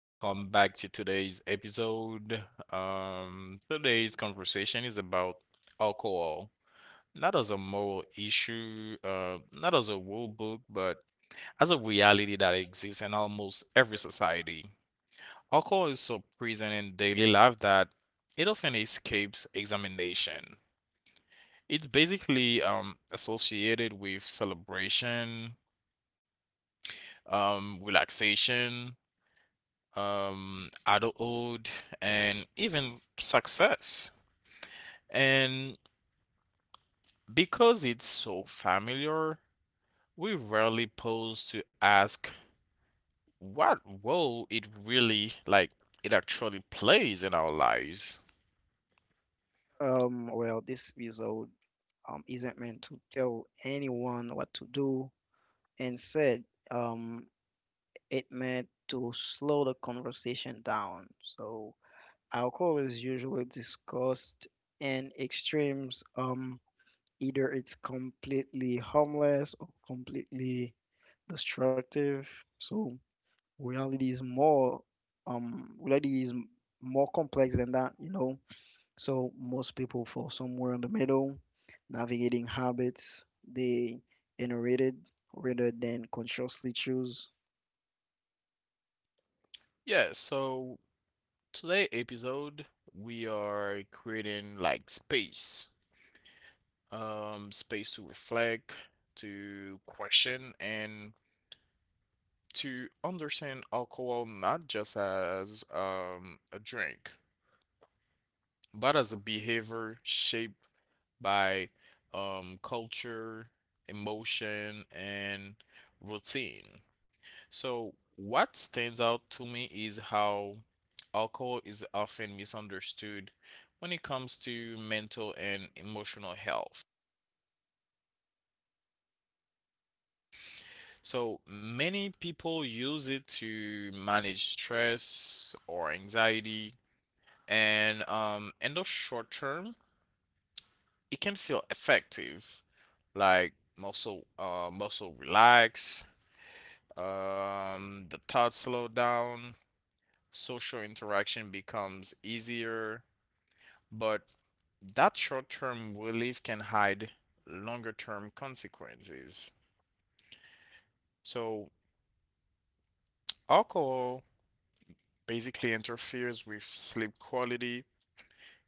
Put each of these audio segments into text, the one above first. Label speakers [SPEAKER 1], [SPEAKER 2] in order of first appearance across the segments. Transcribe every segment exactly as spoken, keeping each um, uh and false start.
[SPEAKER 1] welcome back to today's episode. Um, today's conversation is about alcohol, not as a moral issue, uh, not as a rule book, but as a reality that exists in almost every society. Alcohol is so present in daily life that it often escapes examination. It's basically um, associated with celebration, um, relaxation um, adulthood, and even success. And because it's so familiar, we rarely pause to ask what role it really, like, it actually plays in our lives.
[SPEAKER 2] Um, well, this episode um, isn't meant to tell anyone what to do. Instead, um, it meant to slow the conversation down. So, alcohol is usually discussed in extremes. Um, either it's completely harmless or completely destructive. So, reality is more um, reality is more complex than that, you know. So most people fall somewhere in the middle, navigating habits they inherited rather than consciously choose.
[SPEAKER 1] Yeah, so today episode, we are creating like space, um, space to reflect, to question, and to understand alcohol not just as um, a drink, but as a behavior shaped by um, culture, emotion, and routine. So, what stands out to me is how alcohol is often misunderstood when it comes to mental and emotional health. So many people use it to manage stress or anxiety, and um, in the short term, it can feel effective, like muscle uh muscle relax, um, the thoughts slow down, social interaction becomes easier, but that short-term relief can hide longer-term consequences. So alcohol basically interferes with sleep quality,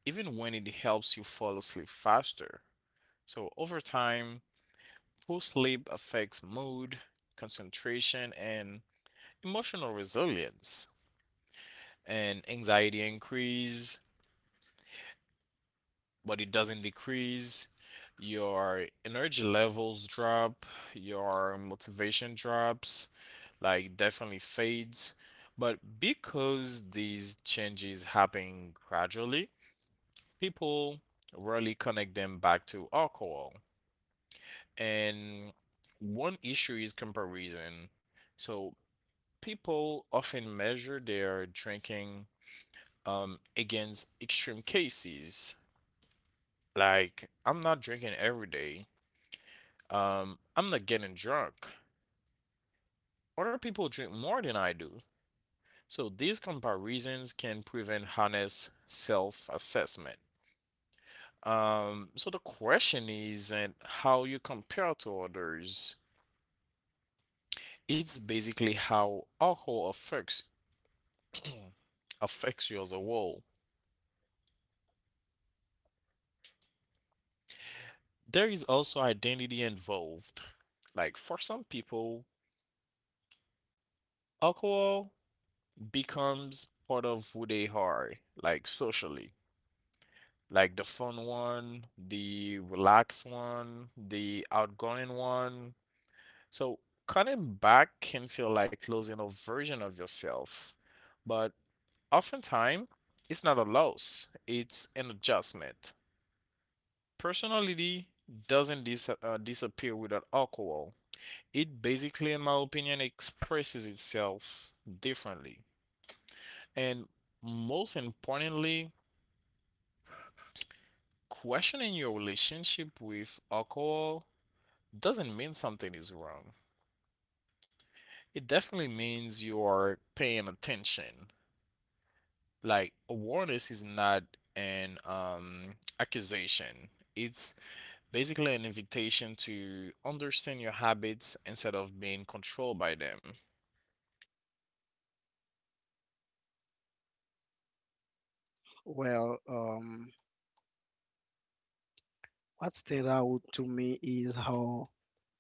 [SPEAKER 1] even when it helps you fall asleep faster. So over time, poor sleep affects mood, concentration, and emotional resilience. And anxiety increase, but it doesn't decrease. Your energy levels drop, your motivation drops, like definitely fades. But because these changes happen gradually, people rarely connect them back to alcohol. And one issue is comparison. So people often measure their drinking um, against extreme cases. Like, I'm not drinking every day. Um, I'm not getting drunk. Other people drink more than I do. So these comparisons can prevent honest self-assessment. Um, so the question isn't how you compare to others. It's basically how alcohol affects affects you as a whole. There is also identity involved. Like for some people, alcohol becomes part of who they are, like socially. Like the fun one, the relaxed one, the outgoing one. So cutting back can feel like losing a version of yourself. But oftentimes, it's not a loss, it's an adjustment. Personality doesn't dis- uh, disappear without alcohol. It basically, in my opinion, expresses itself differently. And most importantly, questioning your relationship with alcohol doesn't mean something is wrong. It definitely means you are paying attention. Like awareness is not an um, accusation. It's basically an invitation to understand your habits instead of being controlled by them.
[SPEAKER 2] Well, um, what stands out to me is how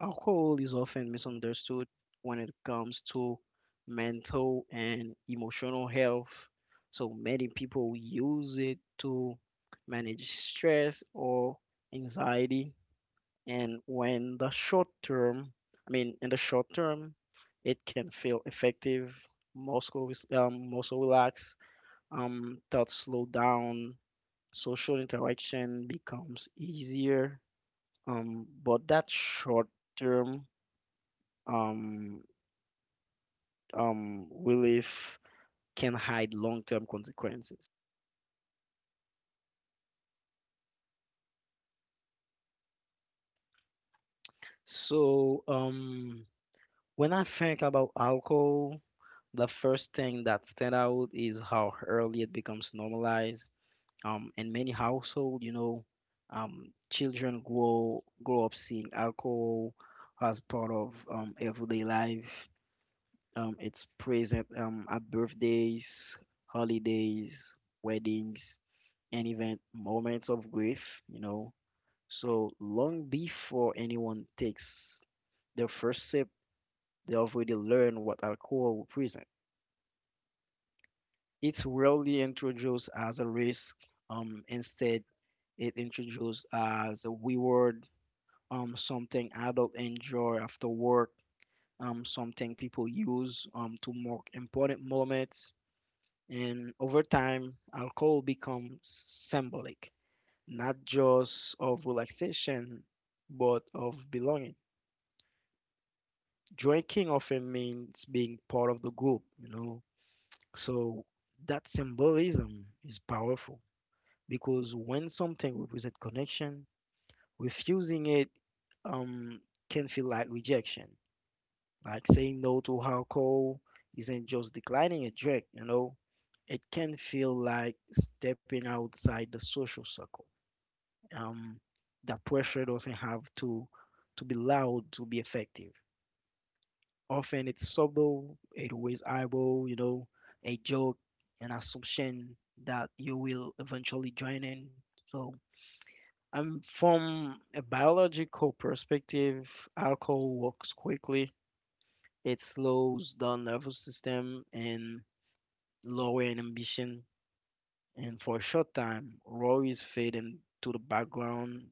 [SPEAKER 2] alcohol is often misunderstood when it comes to mental and emotional health. So many people use it to manage stress or anxiety, and when the short term I mean in the short term it can feel effective. Muscle is- um, muscle relax, um, thoughts slow down, social interaction becomes easier, um, but that short term um, um, relief can hide long term consequences. So um, when I think about alcohol, the first thing that stand out is how early it becomes normalized. Um, in many households, you know, um, children grow grow up seeing alcohol as part of um, everyday life. Um, it's present um, at birthdays, holidays, weddings, and even moments of grief. You know, so long before anyone takes their first sip, they already learn what alcohol represents. It's rarely introduced as a risk. Um, instead, it introduced as a reward, um, something adults enjoy after work, um, something people use um, to mark important moments. And over time, alcohol becomes symbolic, not just of relaxation, but of belonging. Drinking often means being part of the group, you know. So that symbolism is powerful, because when something represents connection, refusing it um, can feel like rejection. Like saying no to alcohol isn't just declining a drink, you know, it can feel like stepping outside the social circle. Um, that pressure doesn't have to to be loud to be effective. Often it's subtle, it weighs eyebrow, you know, a joke, an assumption that you will eventually join in. So Um, from a biological perspective, alcohol works quickly. It slows down nervous system and lower inhibition. And for a short time, raw is fading to the background.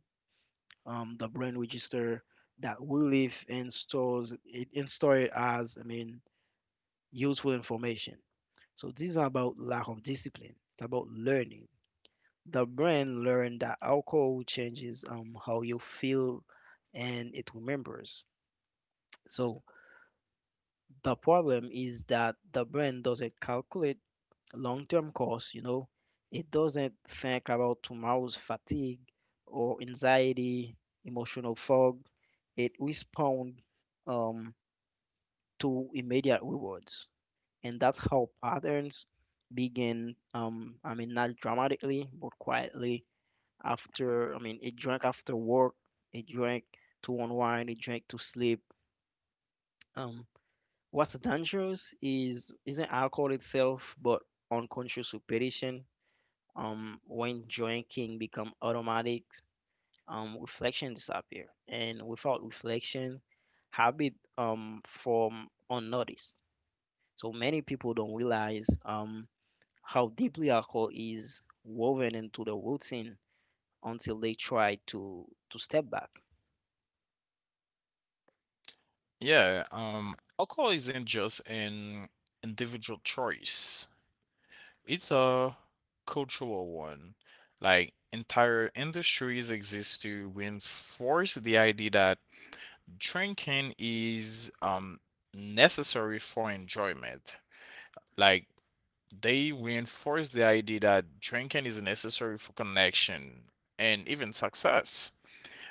[SPEAKER 2] Um, the brain register that we live and stores it and store it as, I mean, useful information. So this is about lack of discipline. It's about learning. The brain learned that alcohol changes um, how you feel, and it remembers. So the problem is that the brain doesn't calculate long-term costs, you know. It doesn't think about tomorrow's fatigue or anxiety, emotional fog. It responds um, to immediate rewards. And that's how patterns begin, um, I mean, not dramatically, but quietly. After, I mean, he drank after work, he drank to unwind, he drank to sleep. Um, what's dangerous is isn't alcohol itself, but unconscious repetition. Um, when drinking become automatic, um, reflection disappear, and without reflection, habit um form unnoticed. So many people don't realize um how deeply alcohol is woven into the routine until they try to to step back.
[SPEAKER 1] Yeah, um, alcohol isn't just an individual choice. It's a cultural one. Like entire industries exist to reinforce the idea that drinking is um necessary for enjoyment. Like they reinforce the idea that drinking is necessary for connection and even success.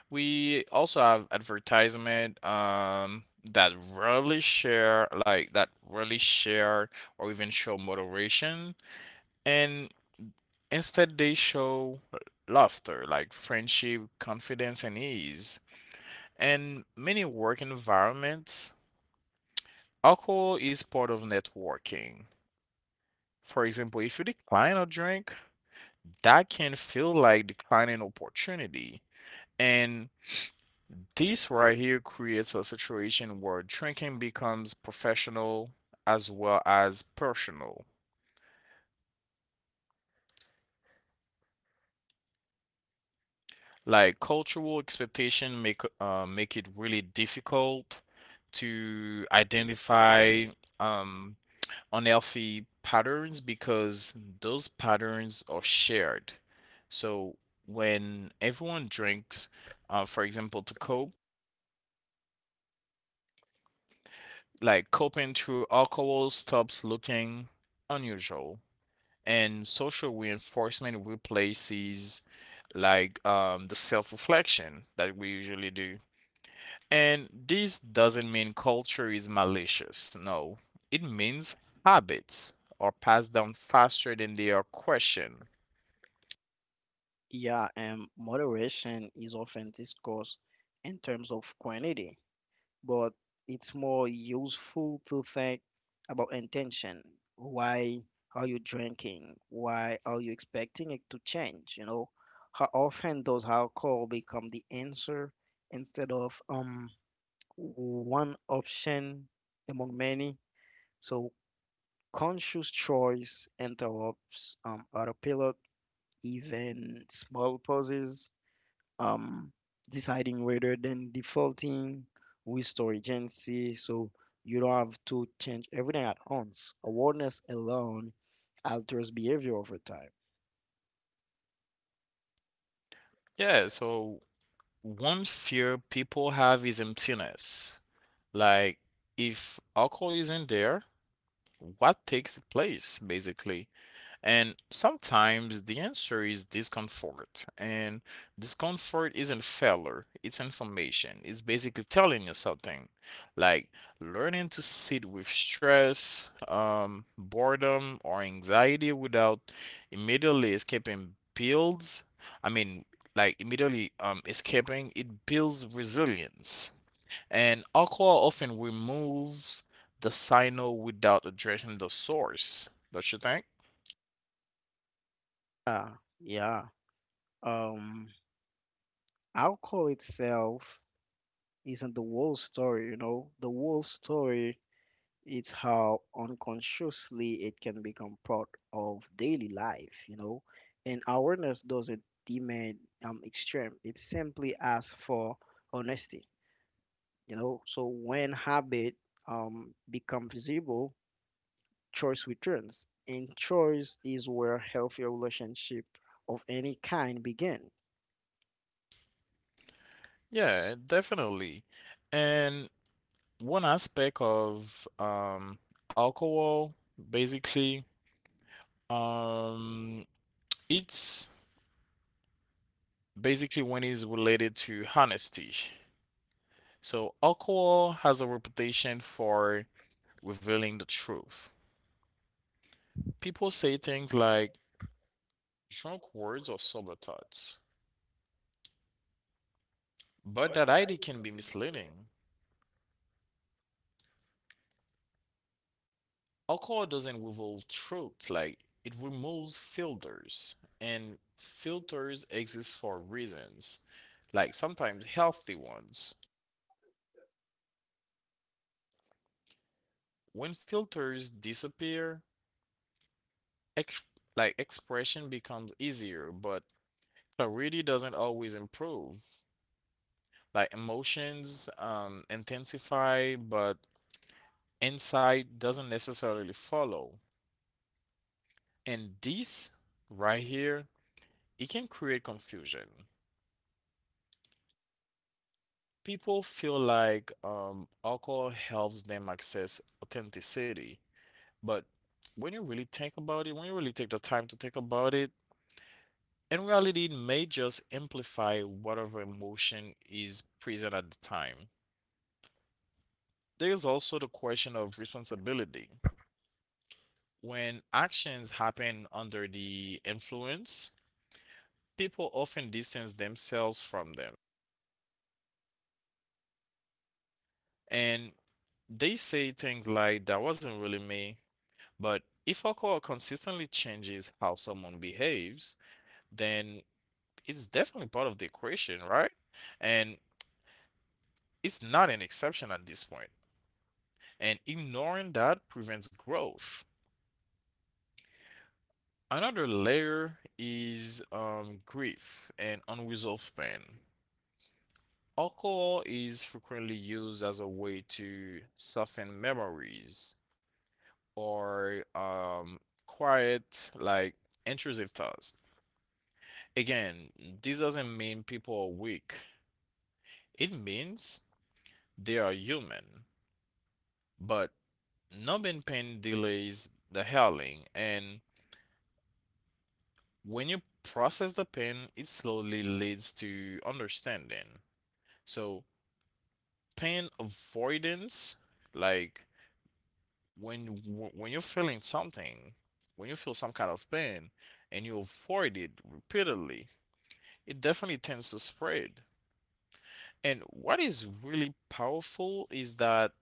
[SPEAKER 1] We also have advertisement um that rarely share like that rarely share or even show moderation, and instead they show laughter, like friendship, confidence, and ease. And many work environments, alcohol is part of networking. For example, if you decline a drink, that can feel like declining opportunity. And this right here creates a situation where drinking becomes professional as well as personal. Like cultural expectation make uh, make it really difficult to identify um, unhealthy patterns because those patterns are shared. So when everyone drinks, uh, for example, to cope, like coping through alcohol stops looking unusual, and social reinforcement replaces like um, the self-reflection that we usually do. And this doesn't mean culture is malicious. No, it means habits are passed down faster than they are questioned.
[SPEAKER 2] Yeah, and moderation is often discussed in terms of quantity, but it's more useful to think about intention. Why are you drinking? Why are you expecting it to change? You know, how often does alcohol become the answer instead of um one option among many? So conscious choice interrupts um autopilot, even small pauses, um, deciding rather than defaulting with storage agency. So you don't have to change everything at once. Awareness alone alters behavior over time.
[SPEAKER 1] Yeah, so one fear people have is emptiness. Like, if alcohol isn't there, what takes place basically? And sometimes the answer is discomfort. And discomfort isn't failure, it's information. It's basically telling you something. Like learning to sit with stress, um, boredom, or anxiety without immediately escaping builds. I mean, like immediately um, escaping, it builds resilience. And alcohol often removes the signal without addressing the source, don't you think?
[SPEAKER 2] Yeah, yeah. Um, Alcohol itself isn't the whole story, you know. The whole story is how unconsciously it can become part of daily life, you know. And awareness doesn't demand um extreme. It simply asks for honesty. You know, so when habit um, become visible, choice returns, and choice is where healthy relationship of any kind begin.
[SPEAKER 1] Yeah,
[SPEAKER 2] S-
[SPEAKER 1] definitely. And one aspect of um, alcohol, basically, um, it's basically when it's related to honesty. So alcohol has a reputation for revealing the truth. People say things like drunk words or sober thoughts, but that idea can be misleading. Alcohol doesn't revolve truth, like it removes filters, and filters exist for reasons, like sometimes healthy ones. When filters disappear, ex- like expression becomes easier, but clarity doesn't always improve. Like emotions um, intensify, but insight doesn't necessarily follow. And this right here, it can create confusion. People feel like um, alcohol helps them access authenticity, but when you really think about it, when you really take the time to think about it, in reality, it may just amplify whatever emotion is present at the time. There's also the question of responsibility. When actions happen under the influence, people often distance themselves from them and they say things like, "That wasn't really me." But if alcohol consistently changes how someone behaves, then it's definitely part of the equation, right? And it's not an exception at this point. And ignoring that prevents growth. Another layer is um, grief and unresolved pain. Alcohol is frequently used as a way to soften memories or um, quiet, like intrusive thoughts. Again, this doesn't mean people are weak. It means they are human. But numbing pain delays the healing, and when you process the pain, it slowly leads to understanding. So, pain avoidance, like when when you're feeling something, when you feel some kind of pain and you avoid it repeatedly, it definitely tends to spread. And what is really powerful is that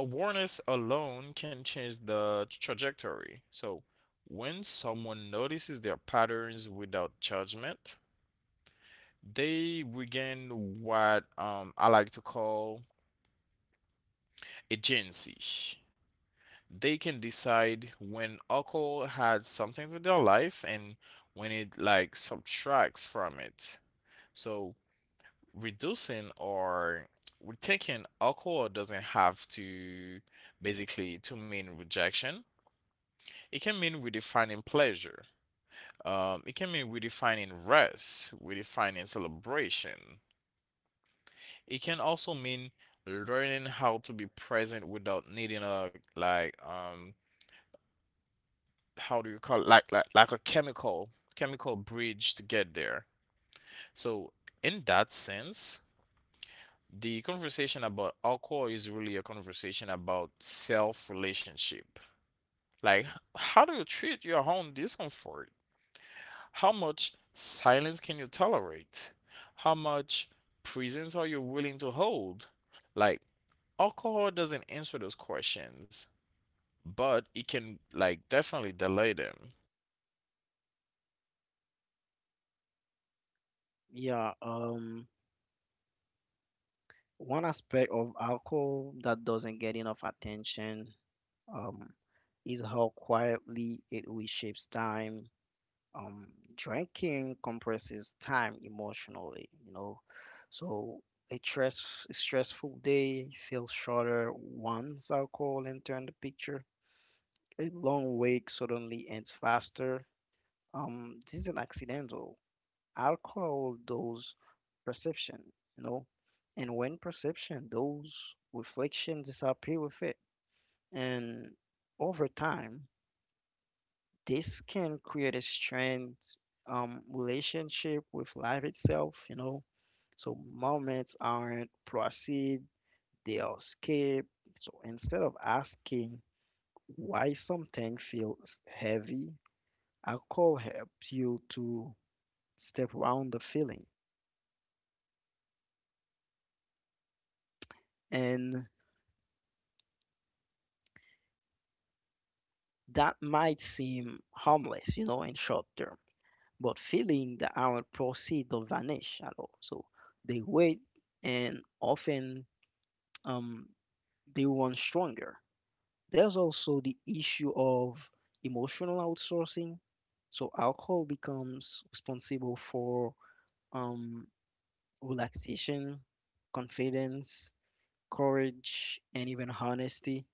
[SPEAKER 1] awareness alone can change the trajectory. So, when someone notices their patterns without judgment, they regain what um, I like to call agency. They can decide when alcohol adds something to their life and when it like subtracts from it. So, reducing or taking alcohol doesn't have to basically to mean rejection. It can mean redefining pleasure. Um, it can mean redefining rest, redefining celebration. It can also mean learning how to be present without needing a like um how do you call it? Like like like a chemical chemical bridge to get there. So in that sense, the conversation about alcohol is really a conversation about self relationship. Like, how do you treat your own discomfort? How much silence can you tolerate? How much presence are you willing to hold? Like, alcohol doesn't answer those questions, but it can, like, definitely delay them.
[SPEAKER 2] Yeah, um, one aspect of alcohol that doesn't get enough attention um, is how quietly it reshapes time. um, Drinking compresses time emotionally, you know. So a stress, stressful day feels shorter once alcohol enters the picture. A long wake suddenly ends faster. Um, this isn't accidental. Alcohol does perception, you know, and when perception does, reflection disappear with it. And over time, this can create a strained um, relationship with life itself, you know. So moments aren't proceed, they are skip. So instead of asking why something feels heavy, alcohol helps you to step around the feeling. And that might seem harmless, you know, in short term, but feeling that aren't proceed don't vanish at all. So they wait, and often um, they want stronger. There's also the issue of emotional outsourcing. So alcohol becomes responsible for um, relaxation, confidence, courage, and even honesty.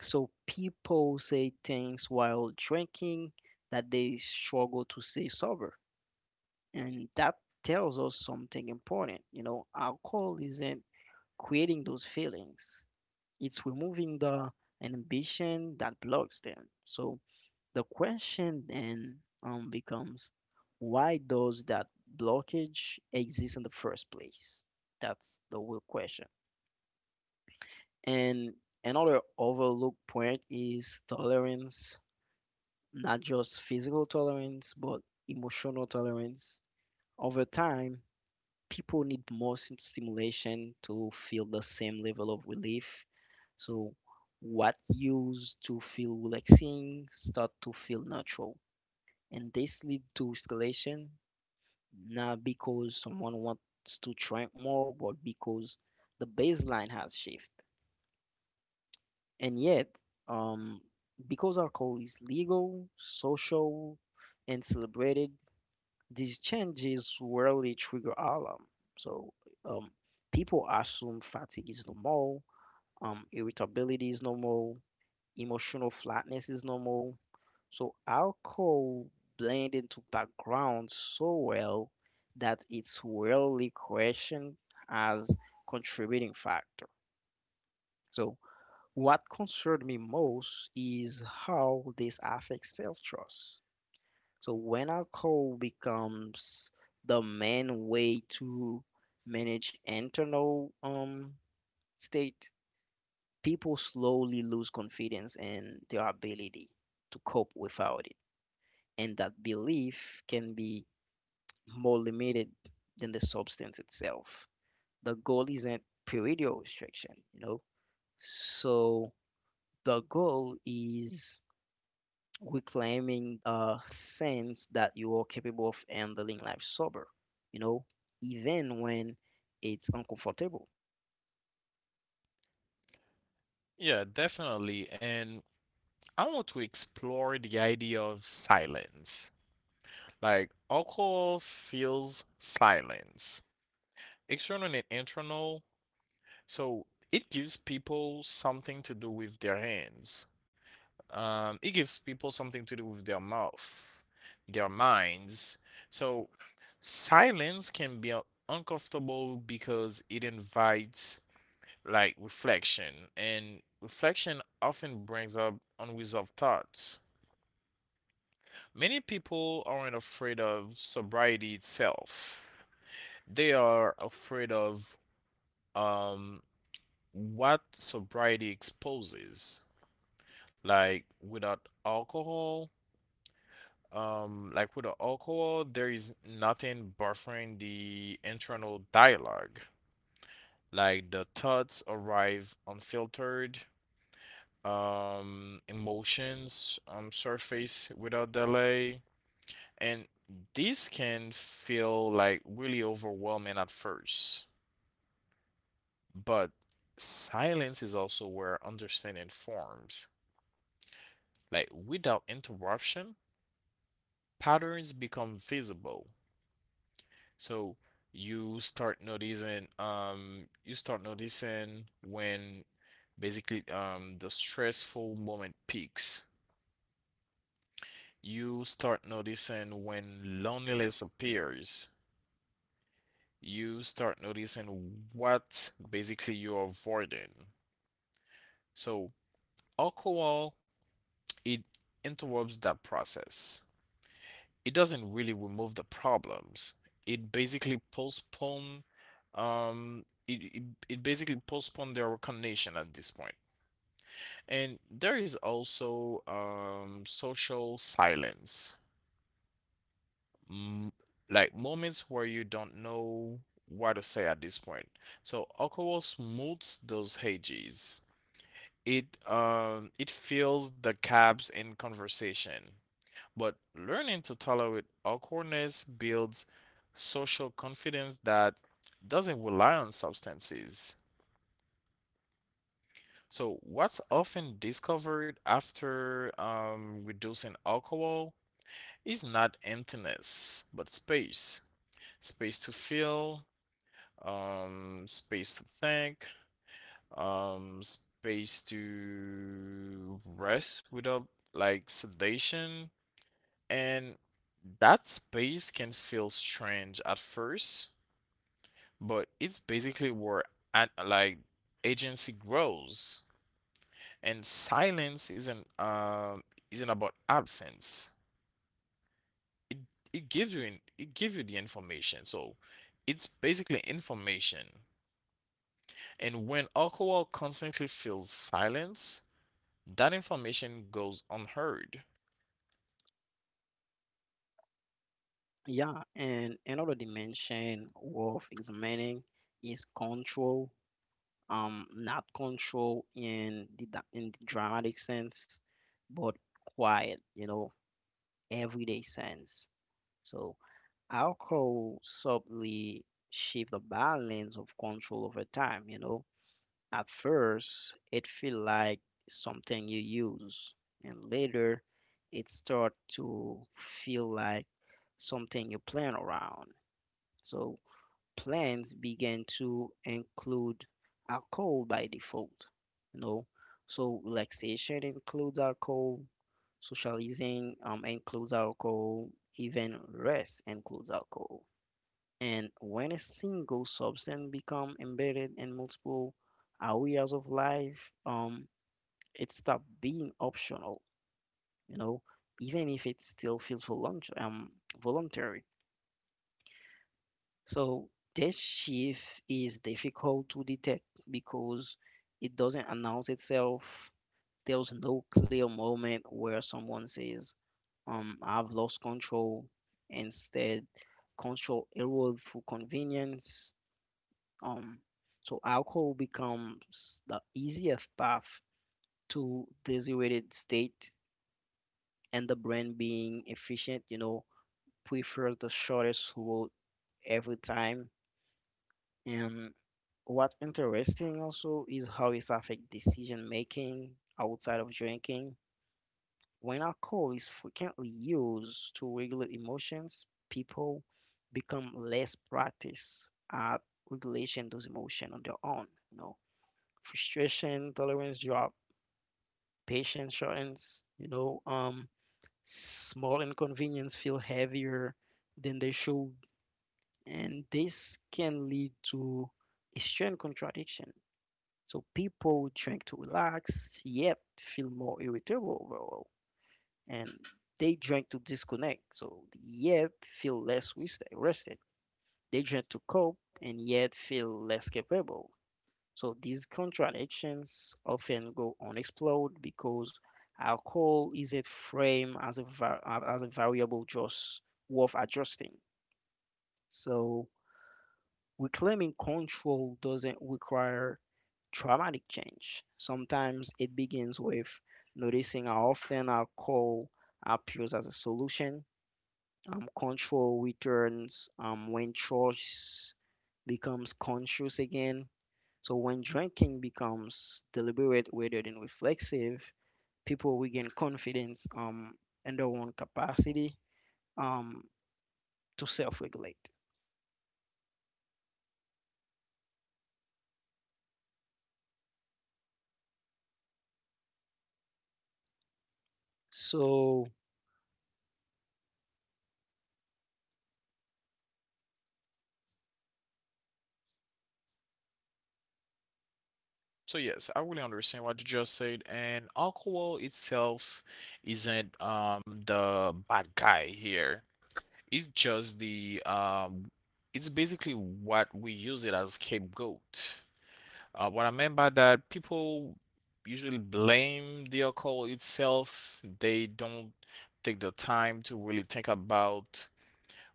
[SPEAKER 2] So people say things while drinking that they struggle to say sober. And that tells us something important. You know, alcohol isn't creating those feelings. It's removing the ambition that blocks them. So the question then um, becomes, why does that blockage exist in the first place? That's the real question. And another overlooked point is tolerance, not just physical tolerance, but emotional tolerance. Over time, people need more sim- stimulation to feel the same level of relief. So what used to feel relaxing start to feel natural. And this lead to escalation, not because someone wants to drink more, but because the baseline has shifted. And yet, um, because alcohol is legal, social, and celebrated, these changes rarely trigger alarm. So um, people assume fatigue is normal, um, irritability is normal, emotional flatness is normal. So alcohol blend into background so well that it's rarely questioned as contributing factor. So what concerned me most is how this affects self-trust. So when alcohol becomes the main way to manage internal um, state, people slowly lose confidence in their ability to cope without it. And that belief can be more limited than the substance itself. The goal isn't period restriction, you know? So the goal is reclaiming a sense that you are capable of handling life sober, you know, even when it's uncomfortable.
[SPEAKER 1] Yeah, definitely. And I want to explore the idea of silence. Like, alcohol feels silence, external and internal. So, it gives people something to do with their hands. Um, it gives people something to do with their mouth, their minds. So silence can be un- uncomfortable because it invites like reflection, and reflection often brings up unresolved thoughts. Many people aren't afraid of sobriety itself. They are afraid of um what sobriety exposes. Like without alcohol, Um, like with the alcohol, there is nothing buffering the internal dialogue. Like the thoughts arrive unfiltered, um, emotions um, surface without delay, and this can feel like really overwhelming at first. But silence is also where understanding forms. Like without interruption, patterns become visible. So you start noticing, um, you start noticing when basically um the stressful moment peaks. You start noticing when loneliness appears. You start noticing what basically you're avoiding. So alcohol, it interrupts that process. It doesn't really remove the problems. It basically postpone um it, it, it basically postpone their recognition at this point. And there is also um social silence. Mm, like moments where you don't know what to say at this point. So alcohol smooths those hedges. It um it fills the gaps in conversation. But learning to tolerate awkwardness builds social confidence that doesn't rely on substances. So, what's often discovered after um, reducing alcohol is not emptiness, but space. Space to feel, um, space to think, um, space to rest without like sedation. And that space can feel strange at first, but it's basically where at, like agency grows. And silence isn't um isn't about absence. It it gives you in, it gives you the information. So it's basically information. And when alcohol constantly feels silence, that information goes unheard.
[SPEAKER 2] Yeah, and another dimension worth examining is control, um, not control in the da- in the dramatic sense, but quiet, you know, everyday sense. So alcohol subtly shift the balance of control over time, you know. At first, it feel like something you use, and later, it start to feel like something you plan around. So plans begin to include alcohol by default. You know, so relaxation includes alcohol, socializing um includes alcohol, even rest includes alcohol. And when a single substance become embedded in multiple areas of life, um, it stop being optional, you know, even if it still feels volun- um, voluntary. So this shift is difficult to detect because it doesn't announce itself. There's no clear moment where someone says, um, I've lost control. Instead, control erode through convenience. Um, so alcohol becomes the easiest path to desired state, and the brain being efficient, you know, prefers the shortest route every time. And what's interesting also is how it affects decision making outside of drinking. When alcohol is frequently used to regulate emotions, people become less practiced at regulation those emotions on their own, you know. Frustration tolerance drop, patience shortens, you know, um, small inconvenience feel heavier than they should, and this can lead to a strength contradiction. So people drink to relax, yet feel more irritable overall, and they drink to disconnect, so yet feel less rest- rested. They drink to cope, and yet feel less capable. So these contradictions often go unexplored because alcohol isn't framed as a, va- uh, as a variable just worth adjusting. So reclaiming control doesn't require traumatic change. Sometimes it begins with noticing how often alcohol appears as a solution. Um, control returns um, when choice becomes conscious again, so when drinking becomes deliberate rather than reflexive, people regain confidence um, in their own capacity um, to self-regulate. So
[SPEAKER 1] So yes, I really understand what you just said, and alcohol itself isn't um the bad guy here. It's just the um It's basically what we use it as scapegoat. Uh, what I mean by that, people usually blame the alcohol itself. They don't take the time to really think about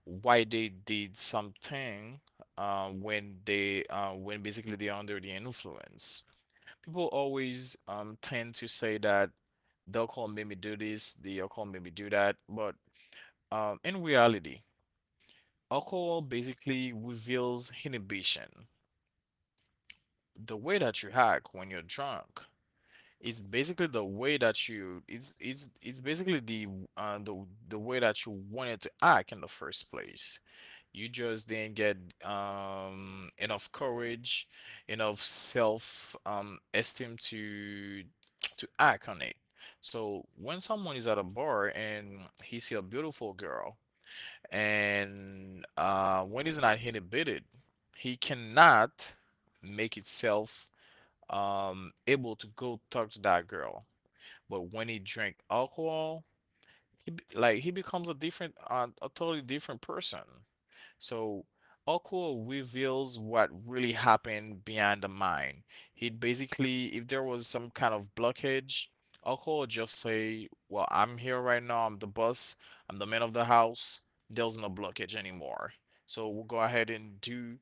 [SPEAKER 1] why they did something uh, when they uh, when basically they're under the influence. People always um tend to say that alcohol made me do this, the alcohol made me do that, but um in reality, alcohol basically reveals inhibition. The way that you act when you're drunk is basically the way that you it's it's it's basically the uh the the way that you wanted to act in the first place. You just then get um enough courage, enough self um esteem to to act on it. So when someone is at a bar and he see a beautiful girl and uh when he's not inhibited, he cannot make itself um able to go talk to that girl. But when he drink alcohol, he be- like he becomes a different uh, a totally different person. So, Okwo reveals what really happened behind the mine. He'd basically, if there was some kind of blockage, Okwo would just say, "Well, I'm here right now. I'm the boss. I'm the man of the house. There's no blockage anymore. So, we'll go ahead and do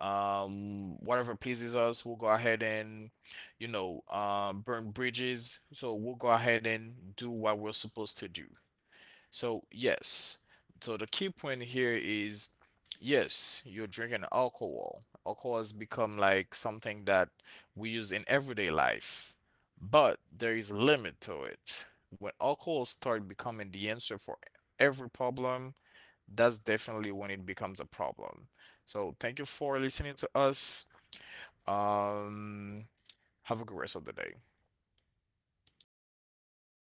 [SPEAKER 1] um, whatever pleases us. We'll go ahead and, you know, um, burn bridges. So, we'll go ahead and do what we're supposed to do." So, yes. So the key point here is yes, you're drinking alcohol. Alcohol has become like something that we use in everyday life, but there is a limit to it. When alcohol starts becoming the answer for every problem, that's definitely when it becomes a problem. So thank you for listening to us. Um, have a good rest of the day.